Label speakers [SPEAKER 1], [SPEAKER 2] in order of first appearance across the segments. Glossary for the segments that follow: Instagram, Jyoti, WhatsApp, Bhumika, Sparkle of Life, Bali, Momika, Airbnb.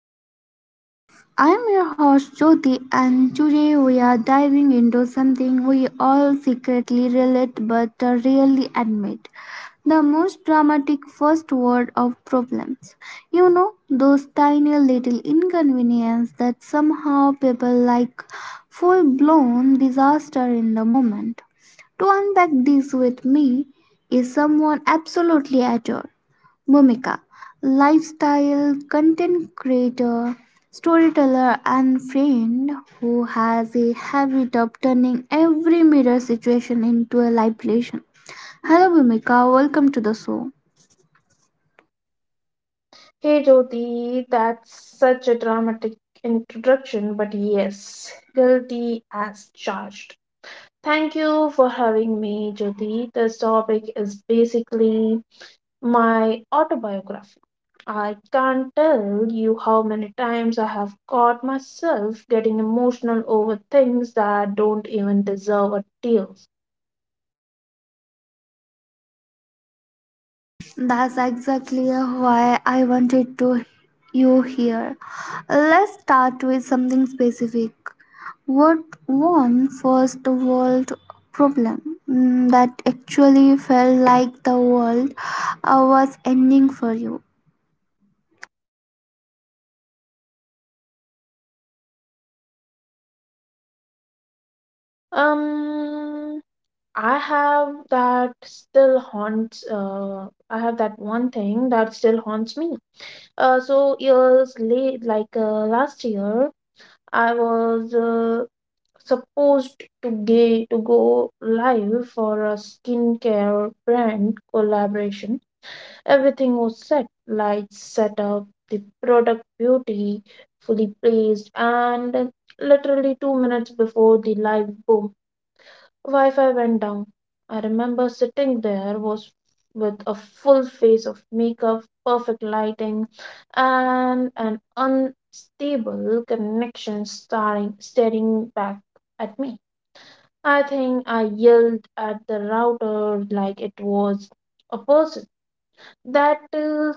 [SPEAKER 1] to Sparkle of Life. I am your host Jyoti, and today we are diving into something we all secretly relate but rarely admit the most dramatic first word of problems. You know, those tiny little inconvenience that somehow people like full blown disaster in the moment. To unpack this with me is someone absolutely adore. Momika, lifestyle content creator, storyteller, and friend who has a habit of turning every mirror situation into a live lesson. Hello, Momika. Welcome to the show.
[SPEAKER 2] Hey Jyoti, that's such a dramatic introduction, but yes, guilty as charged. Thank you for having me, Jyoti. This topic is basically my autobiography. I can't tell you how many times I have caught myself getting emotional over things that don't even deserve a tear.
[SPEAKER 1] That's exactly why I wanted to you here. Let's start with something specific. What one first world problem that actually felt like the world was ending for you?
[SPEAKER 2] Um, I have that still haunts. I have that one thing that still haunts me. So years late, like last year, I was supposed to gay to go live for a skincare brand collaboration. Everything was set, lights set up, the product beauty fully placed, and literally 2 minutes before the live boom Wi-Fi went down. I remember sitting there was with a full face of makeup, perfect lighting, and an unstable connection staring back at me. I think I yelled at the router like it was a person. That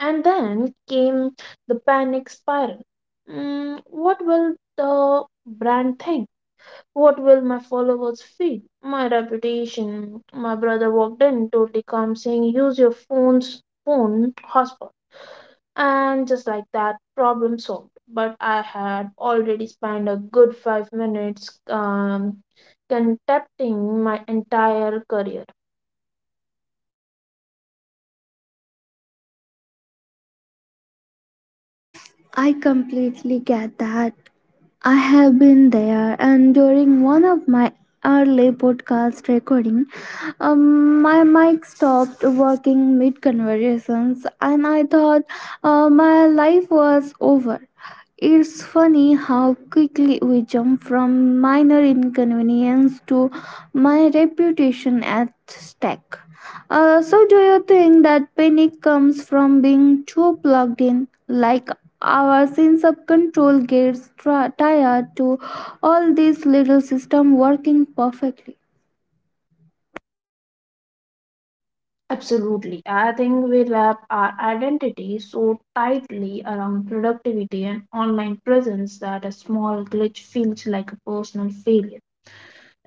[SPEAKER 2] And then came the panic spiral. Mm, what will the brand think? What will my followers feel? My reputation. My brother walked in, totally calm, saying, "Use your phone's phone hotspot," and just like that, problem solved. But I had already spent a good 5 minutes contempting my entire career.
[SPEAKER 1] I completely get that. I have been there, and during one of my early podcast recording, my mic stopped working mid conversations, and I thought my life was over. It's funny how quickly we jump from minor inconvenience to my reputation at stake. So, do you think that panic comes from being too plugged in, like our sense of control gets tired to all these little system working perfectly?
[SPEAKER 2] Absolutely, I think we wrap our identity so tightly around productivity and online presence that a small glitch feels like a personal failure.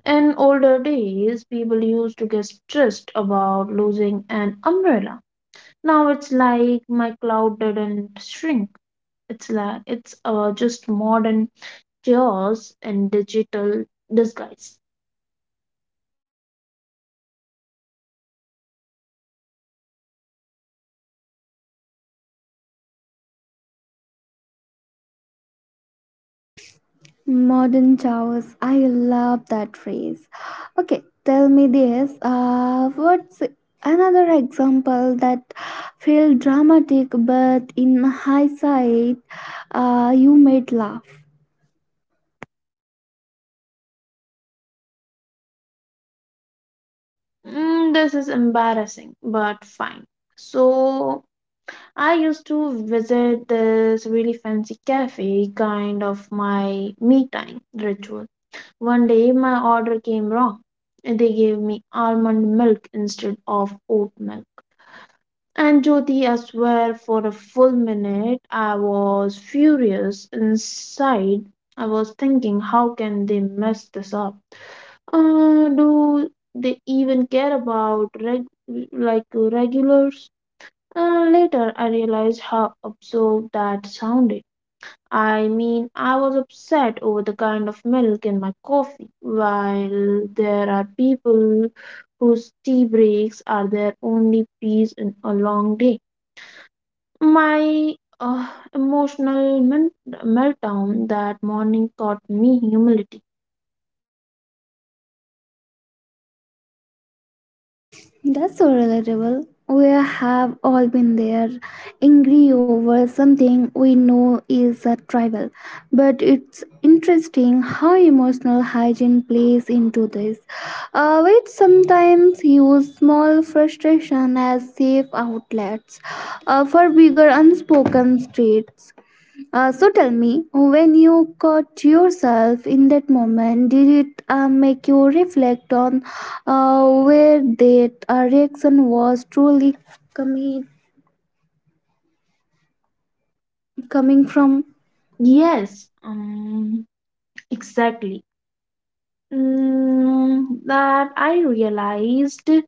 [SPEAKER 2] In older days, people used to get stressed about losing an umbrella. Now it's like my cloud didn't shrink. It's just modern chaos in digital disguise.
[SPEAKER 1] Modern chaos. I love that phrase. Okay, tell me this. What's another example that felt dramatic, but in hindsight, you made laugh?
[SPEAKER 2] Mm, this is embarrassing, but fine. So I used to visit this really fancy cafe, kind of my me time ritual. One day my order came wrong. They gave me almond milk instead of oat milk. And Jyoti, I swear, for a full minute I was furious. Inside, I was thinking, how can they mess this up? Do they even care about like regulars? Later, I realized how absurd that sounded. I mean, I was upset over the kind of milk in my coffee, while there are people whose tea breaks are their only peace in a long day. My uh, emotional meltdown that morning taught me humility.
[SPEAKER 1] That's so relatable. We have all been there, angry over something we know is a tribal. But it's interesting how emotional hygiene plays into this. We sometimes use small frustration as safe outlets for bigger unspoken states. So tell me, when you caught yourself in that moment, did it make you reflect on where that reaction was truly coming coming from?
[SPEAKER 2] Yes, exactly. Mm, that I realized.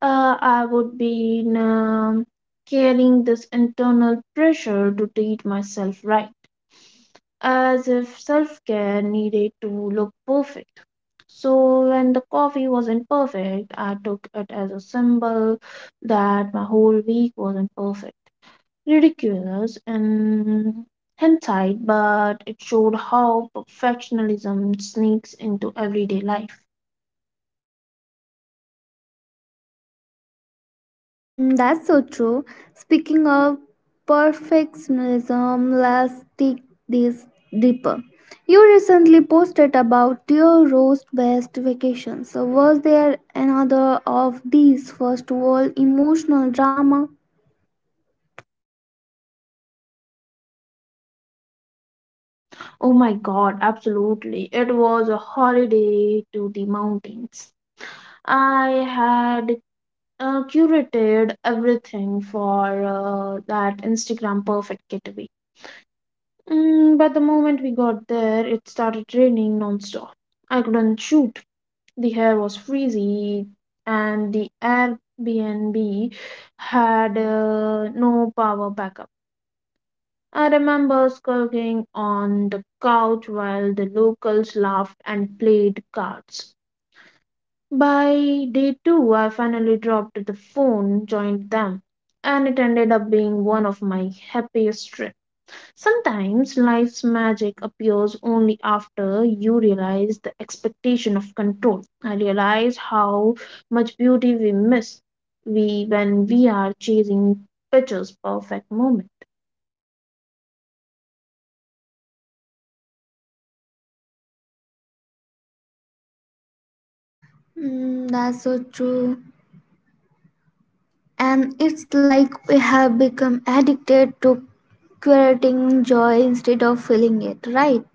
[SPEAKER 2] I would be carrying this internal pressure to treat myself right, as if self care needed to look perfect. So, when the coffee wasn't perfect, I took it as a symbol that my whole week wasn't perfect. Ridiculous in hindsight, but it showed how perfectionism sneaks into everyday life.
[SPEAKER 1] Mm, that's so true. Speaking of perfectionism, let's take this deeper. You recently posted about your roast best vacations. So was there another of these first world emotional drama?
[SPEAKER 2] Oh my God, absolutely. It was a holiday to the mountains. I had curated everything for that Instagram perfect getaway. Mm, but the moment we got there, it started raining nonstop. I couldn't shoot. The hair was freezy, and the Airbnb had no power backup. I remember skulking on the couch while the locals laughed and played cards. By day two, I finally dropped the phone, joined them, and it ended up being one of my happiest trips. Sometimes life's magic appears only after you realize the expectation of control. I realize how much beauty we miss we when we are chasing pictures perfect moment.
[SPEAKER 1] Mm, that's so true. And it's like we have become addicted to curating joy instead of feeling it, right?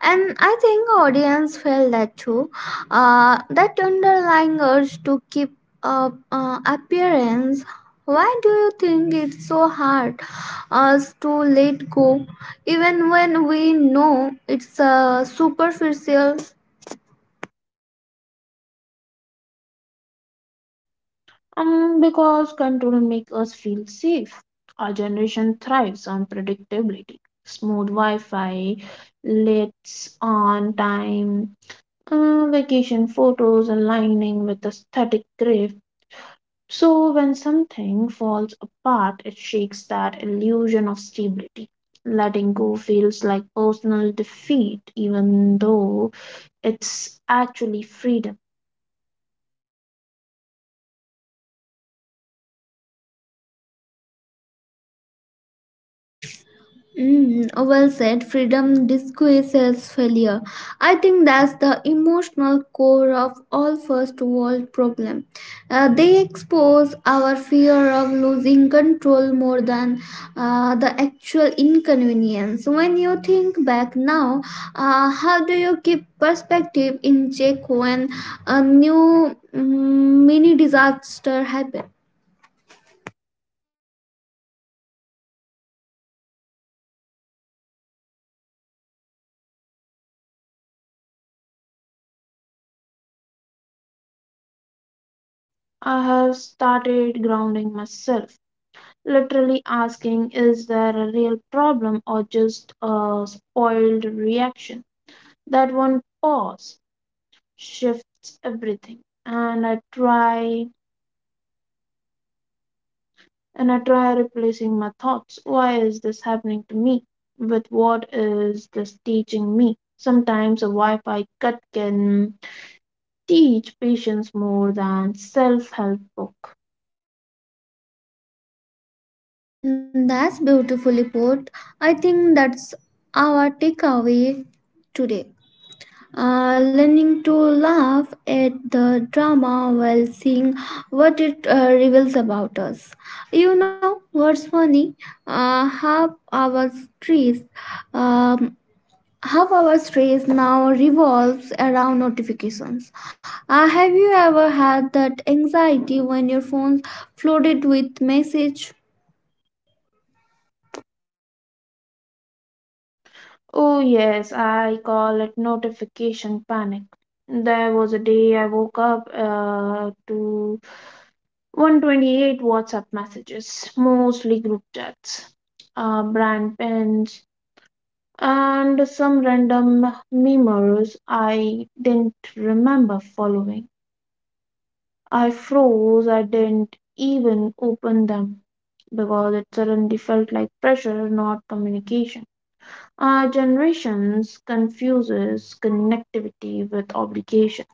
[SPEAKER 1] And I think audience felt that too. That underlying urge to keep up appearance. Why do you think it's so hard us to let go, even when we know it's superficial?
[SPEAKER 2] And because control makes us feel safe, our generation thrives on predictability. Smooth Wi Fi, lights on time, vacation photos aligning with aesthetic grief. So, when something falls apart, it shakes that illusion of stability. Letting go feels like personal defeat, even though it's actually freedom.
[SPEAKER 1] Mm, well said. Freedom disguises failure. I think that's the emotional core of all first world problem. They expose our fear of losing control more than the actual inconvenience. When you think back now, how do you keep perspective in check when a new mini disaster happens?
[SPEAKER 2] I have started grounding myself literally asking, is there a real problem or just a spoiled reaction? That one pause shifts everything, and I try replacing my thoughts, why is this happening to me, with what is this teaching me. Sometimes a wi-fi cut can teach patience more than self-help book.
[SPEAKER 1] Mm, that's beautifully put. I think that's our takeaway today. Learning to laugh at the drama while seeing what it reveals about us. You know what's funny? Uh, half our stress, um, Half our stress now revolves around notifications. Have you ever had that anxiety when your phone's flooded with message?
[SPEAKER 2] Oh, yes, I call it notification panic. There was a day I woke up to 128 WhatsApp messages, mostly group chats, brand pens, and some random memes I didn't remember following. I froze, I didn't even open them because it suddenly felt like pressure, not communication. Our generations confuses connectivity with obligation.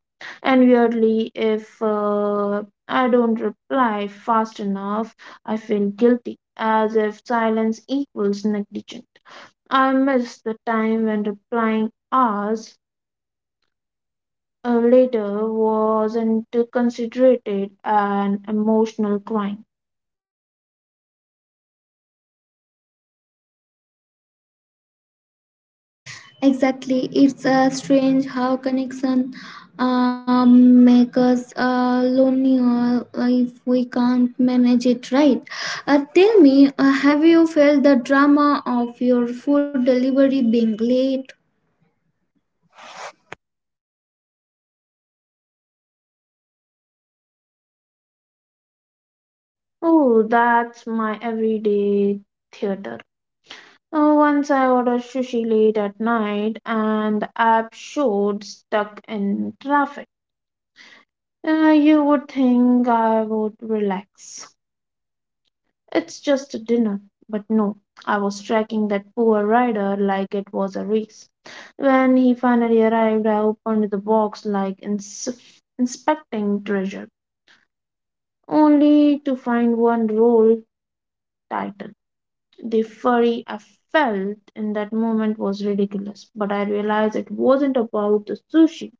[SPEAKER 2] And weirdly, if I don't reply fast enough, I feel guilty, as if silence equals negligent. I miss the time when replying hours later wasn't considered an emotional crime.
[SPEAKER 1] Exactly, it's strange how connection make us lonely if we can't manage it right. Tell me, have you felt the drama of your food delivery being late?
[SPEAKER 2] Oh, that's my everyday theater. Once I ordered sushi late at night and the app showed stuck in traffic. You would think I would relax. It's just a dinner, but no. I was tracking that poor rider like it was a race. When he finally arrived, I opened the box like inspecting treasure, only to find one roll title. The fury I felt in that moment was ridiculous, but I realized it wasn't about the sushi.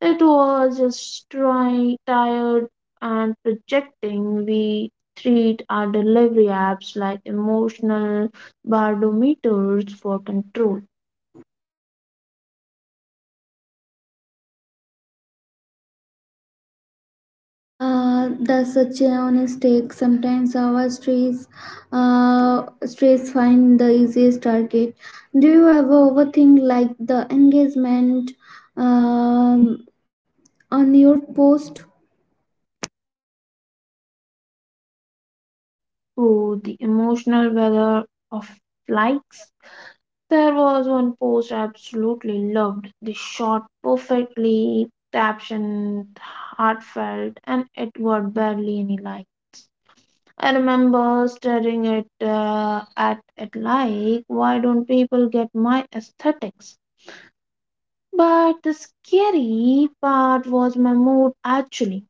[SPEAKER 2] It was just trying, tired and projecting. We treat our delivery apps like emotional barometers for control.
[SPEAKER 1] That's such a mistake. Sometimes our stress find the easiest target. Do you ever overthink like the engagement um, on your post?
[SPEAKER 2] Oh, the emotional weather of likes. There was one post I absolutely loved. The short, perfectly captioned, heartfelt, and it got barely any likes. I remember staring at it like, why don't people get my aesthetics? But the scary part was my mood actually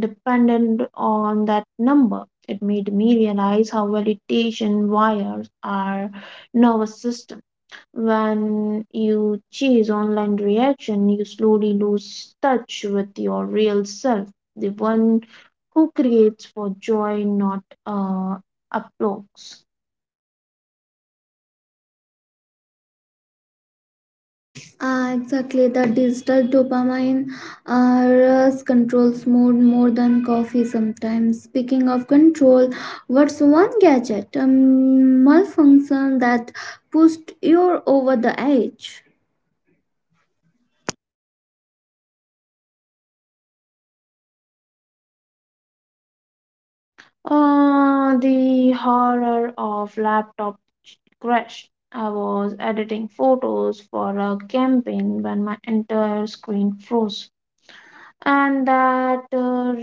[SPEAKER 2] dependent on that number. It made me realize how validation wires our nervous system. When you chase online reaction, you slowly lose touch with your real self, the one who creates for joy, not applause.
[SPEAKER 1] Exactly, the digital dopamine rush controls mood more than coffee sometimes. Speaking of control, what's one gadget malfunction that pushed you over the edge?
[SPEAKER 2] The horror of laptop crash. I was editing photos for a campaign when my entire screen froze, and that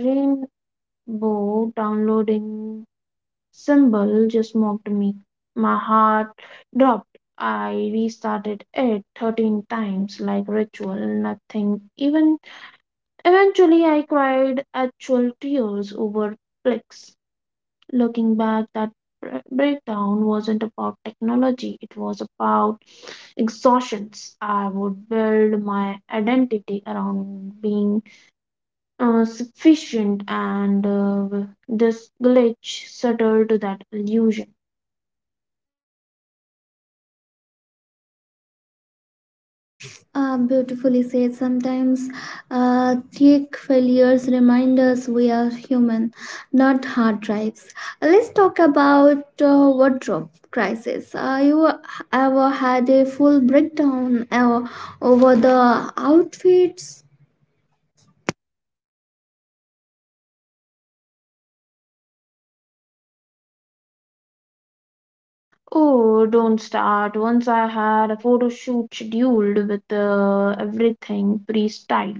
[SPEAKER 2] rainbow downloading symbol just mocked me. My heart dropped. I restarted it 13 times like ritual, nothing. Even eventually, I cried actual tears over clicks. Looking back, that breakdown wasn't about technology, it was about exhaustions. I would build my identity around being sufficient, and this glitch shattered that illusion.
[SPEAKER 1] Ah, beautifully said. Sometimes tech failures remind us we are human, not hard drives. Let's talk about wardrobe crisis. You ever had a full breakdown over the outfits?
[SPEAKER 2] Oh, don't start. Once I had a photo shoot scheduled with everything pre-styled,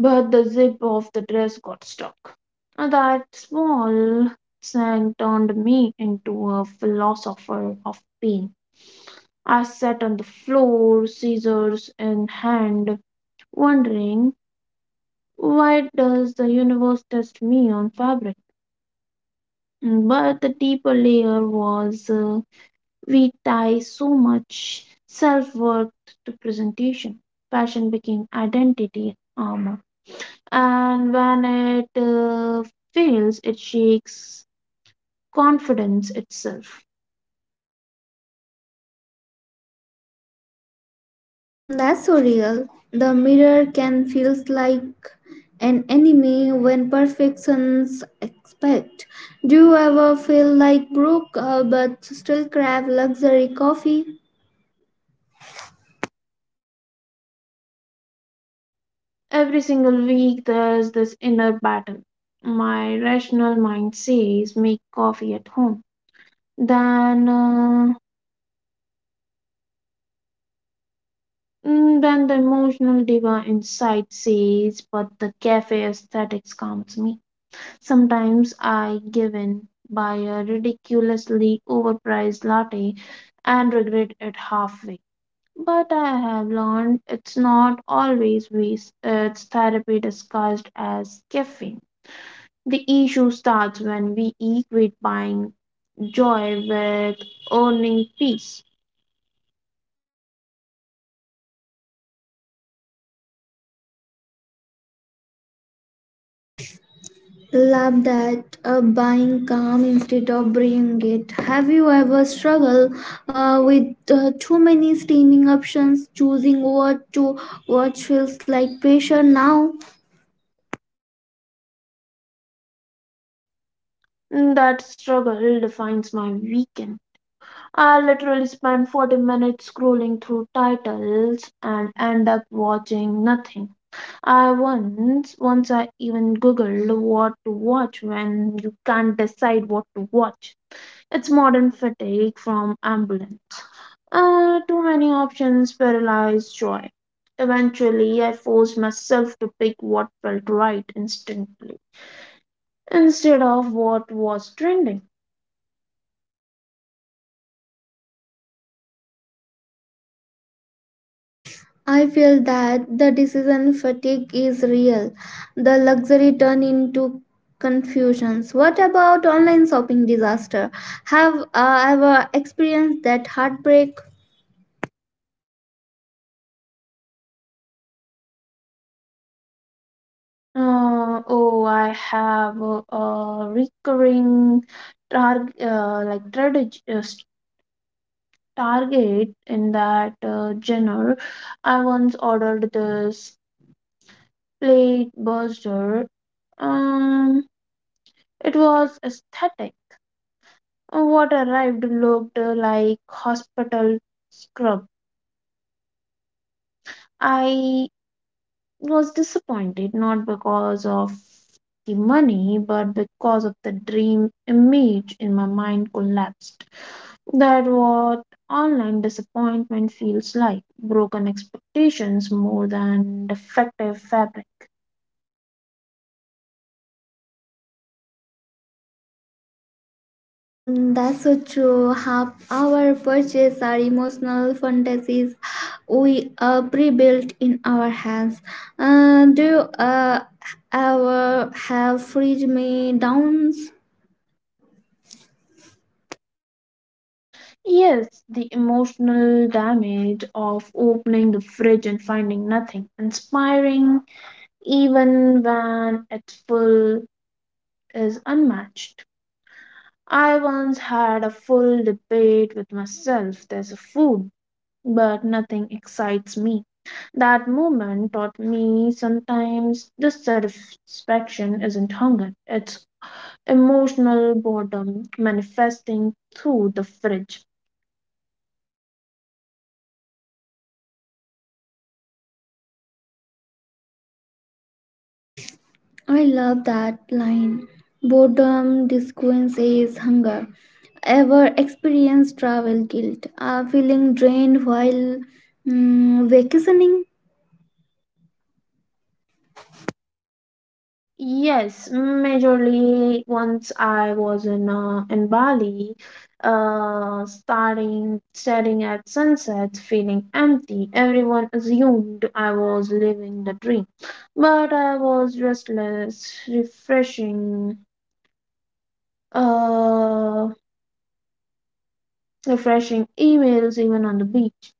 [SPEAKER 2] but the zip of the dress got stuck. And that small thing turned me into a philosopher of pain. I sat on the floor, scissors in hand, wondering, why does the universe test me on fabric? But the deeper layer was we tie so much self worth to presentation. Passion became identity armor. And when it fails, it shakes confidence itself.
[SPEAKER 1] Mm, that's so real. The mirror can feels like an enemy when perfections expect. Do you ever feel like broke but still crave luxury coffee?
[SPEAKER 2] Every single week, there's this inner battle. My rational mind says, make coffee at home. Then, uh, then the emotional diva inside says, but the cafe aesthetics calms me. Sometimes I give in, buy a ridiculously overpriced latte, and regret it halfway. But I have learned it's not always waste, it's therapy disguised as caffeine. The issue starts when we equate buying joy with earning peace.
[SPEAKER 1] Love that buying calm instead of bringing it. Have you ever struggled with too many streaming options? Choosing what to watch feels like pressure now.
[SPEAKER 2] That struggle defines my weekend. I literally spend 40 minutes scrolling through titles and end up watching nothing. I once I even googled what to watch when you can't decide what to watch. It's modern fatigue from ambulance. Too many options paralyzed joy. Eventually, I forced myself to pick what felt right instantly instead of what was trending.
[SPEAKER 1] I feel that the decision fatigue is real. The luxury turn into confusions. What about online shopping disaster? Have ever experienced that heartbreak?
[SPEAKER 2] Oh, I have a recurring target, like strategy, target in that genre. I once ordered this plate buster. Um, it was aesthetic. What arrived looked like hospital scrub. I was disappointed not because of the money, but because of the dream image in my mind collapsed. That what online disappointment feels like, broken expectations more than defective fabric.
[SPEAKER 1] Mm, that's so true. Half our purchases are emotional fantasies we pre-built in our hands. Do you uh, ever have fridge me downs?
[SPEAKER 2] Yes, the emotional damage of opening the fridge and finding nothing inspiring, even when it's full, is unmatched. I once had a full debate with myself. There's a food but nothing excites me. That moment taught me sometimes dissatisfaction isn't hunger, it's emotional boredom manifesting through the fridge.
[SPEAKER 1] I love that line. Boredom disguises hunger. Ever experienced travel guilt? Feeling drained while vacationing?
[SPEAKER 2] Yes, majorly once I was in Bali, starting staring at sunsets, feeling empty. Everyone assumed I was living the dream, but I was restless, refreshing uh, refreshing emails even on the beach.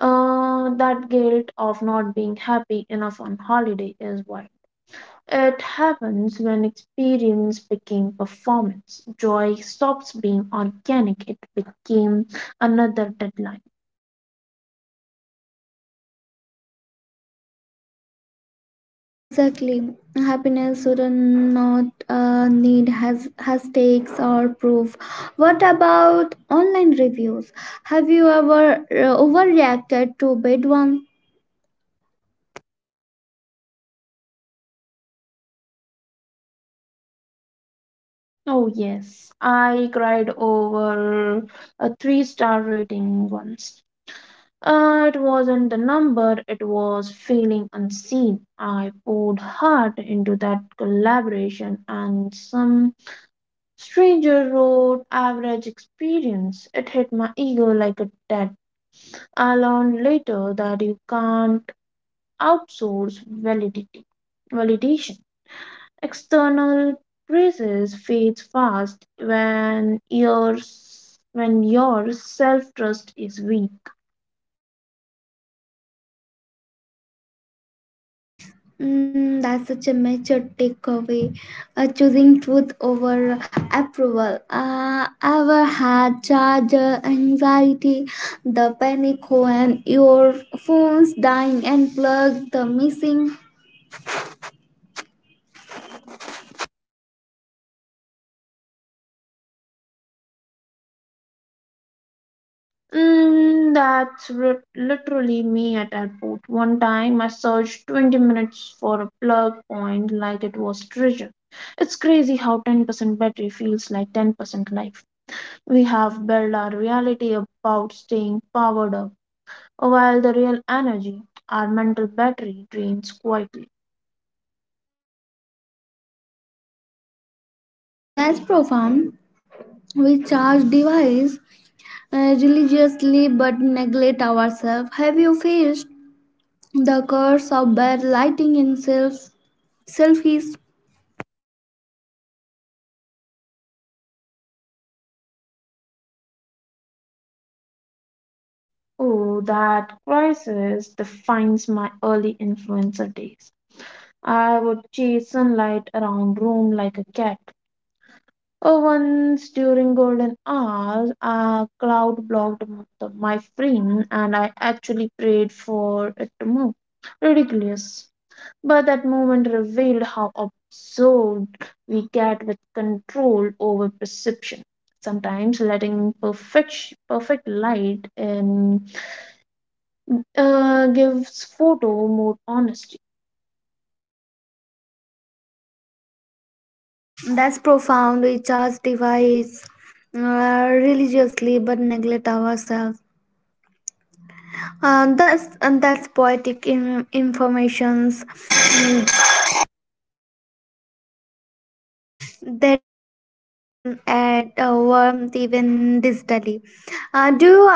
[SPEAKER 2] That guilt of not being happy enough on holiday is wild. It happens when experience became performance. Joy stops being organic, it became another deadline.
[SPEAKER 1] Exactly. Happiness should not need has hashtags or proof. What about online reviews? Have you ever overreacted to bad one?
[SPEAKER 2] Oh, yes, I cried over a three-star rating once. It wasn't the number, it was feeling unseen. I poured heart into that collaboration, and some stranger wrote average experience. It hit my ego like a debt. I learned later that you can't outsource validity, validation. External praises fades fast when your self trust is weak.
[SPEAKER 1] Mm, that's such a major takeaway. Choosing truth over approval. Ever had charger anxiety, the panic when your phone's dying and plug the missing?
[SPEAKER 2] Mm, that's literally me at airport. One time I searched 20 minutes for a plug point like it was treasure. It's crazy how 10% battery feels like 10% life. We have built our reality about staying powered up, while the real energy, our mental battery, drains quietly.
[SPEAKER 1] That's profound. We charge device religiously but neglect ourselves. Have you faced the curse of bad lighting in self selfies?
[SPEAKER 2] Oh, that crisis defines my early influencer days. I would chase sunlight around room like a cat. Once during golden hours, a cloud blocked my frame, and I actually prayed for it to move. Ridiculous. But that moment revealed how absorbed we get with control over perception. Sometimes letting perfect light in gives photo more honesty.
[SPEAKER 1] That's profound. We charge device religiously but neglect ourselves. That's and that's poetic in, informations that imperfection add a warmth even distally. Do you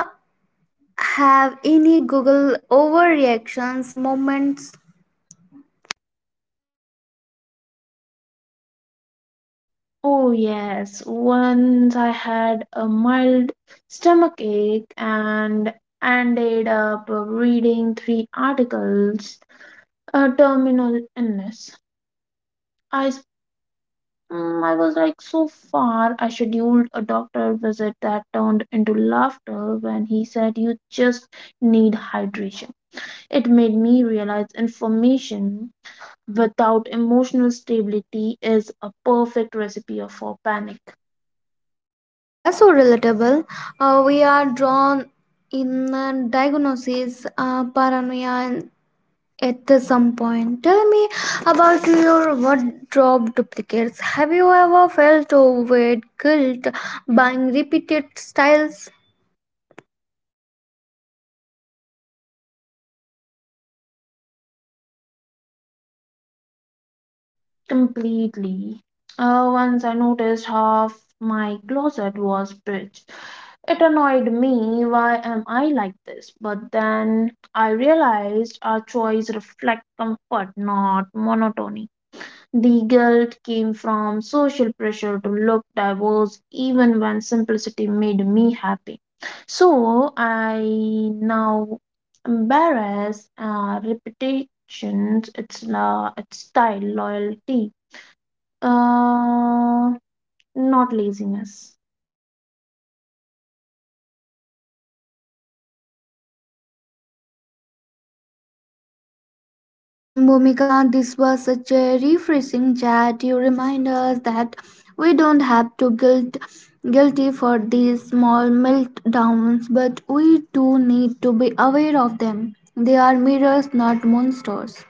[SPEAKER 1] have any Google overreactions moments?
[SPEAKER 2] Oh, yes. Once I had a mild stomach ache and ended up reading three articles, a terminal illness. I, s- I was like so far. I scheduled a doctor visit that turned into laughter when he said, you just need hydration. It made me realize information without emotional stability is a perfect recipe for panic.
[SPEAKER 1] That's so relatable. We are drawn in diagnosis, paranoia and at some point. Tell me about your wardrobe duplicates. Have you ever felt overweight guilt buying repeated styles?
[SPEAKER 2] Completely. Once I noticed half my closet was brick. It annoyed me. Why am I like this? But then I realized our choice reflect comfort, not monotony. The guilt came from social pressure to look diverse, even when simplicity made me happy. So I now embarrass reputations, its style, loyalty, uh, not laziness.
[SPEAKER 1] Bhumika, this was such a refreshing chat. You remind us that we don't have to guilty for these small meltdowns, but we do need to be aware of them. They are mirrors, not monsters.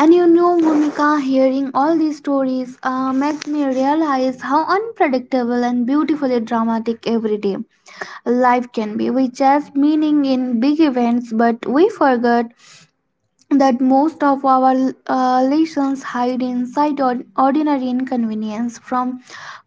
[SPEAKER 1] And you know, Bhumika, hearing all these stories makes me realize how unpredictable and beautifully dramatic every day life can be. We chase meaning in big events, but we forget that most of our lessons hide inside ordinary inconvenience from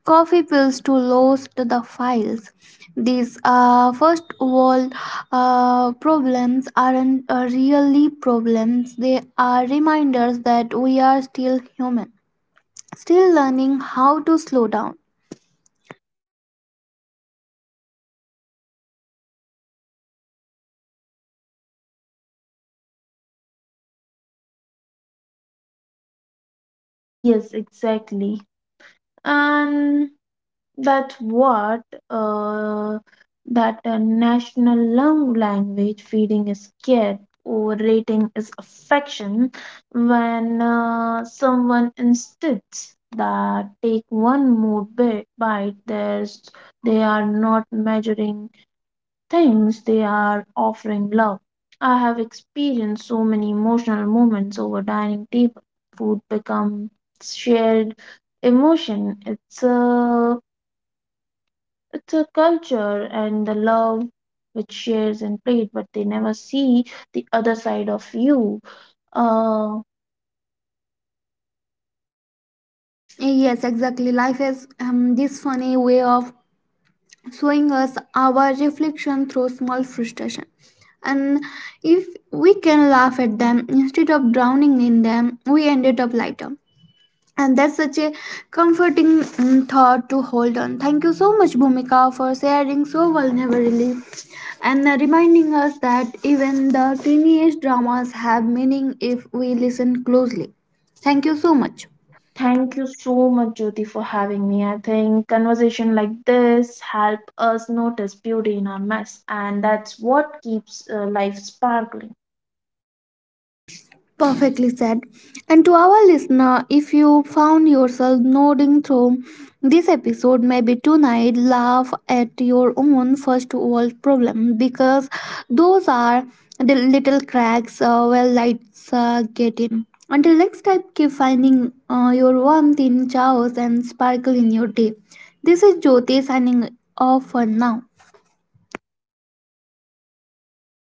[SPEAKER 1] coffee pills to lost the files, these first world problems aren't really problems. They are reminders that we are still human, still learning how to slow down.
[SPEAKER 2] Yes, exactly. And that's what uh, that national lung language feeding is care. Overrating is affection when someone insists that take one more bite. There's they are not measuring things, they are offering love. I have experienced so many emotional moments over dining table. Food becomes shared emotion. It's a culture and the love which shares and played, but they never see the other side of you. Uh,
[SPEAKER 1] Yes, exactly, life is this funny way of showing us our reflection through small frustration, and if we can laugh at them instead of drowning in them, we ended up lighter, and that's such a comforting thought to hold on. Thank you so much, Bhumika, for sharing so vulnerably and reminding us that even the tiniest dramas have meaning if we listen closely. Thank you so much.
[SPEAKER 2] Thank you so much, Jyoti, for having me. I think conversation like this help us notice beauty in our mess, and that's what keeps life sparkling.
[SPEAKER 1] Perfectly said. And to our listener, if you found yourself nodding through this episode, maybe tonight laugh at your own first world problem because those are the little cracks where lights get in. Until next time, keep finding your warmth in chaos and sparkle in your day. This is Jyoti signing off for now.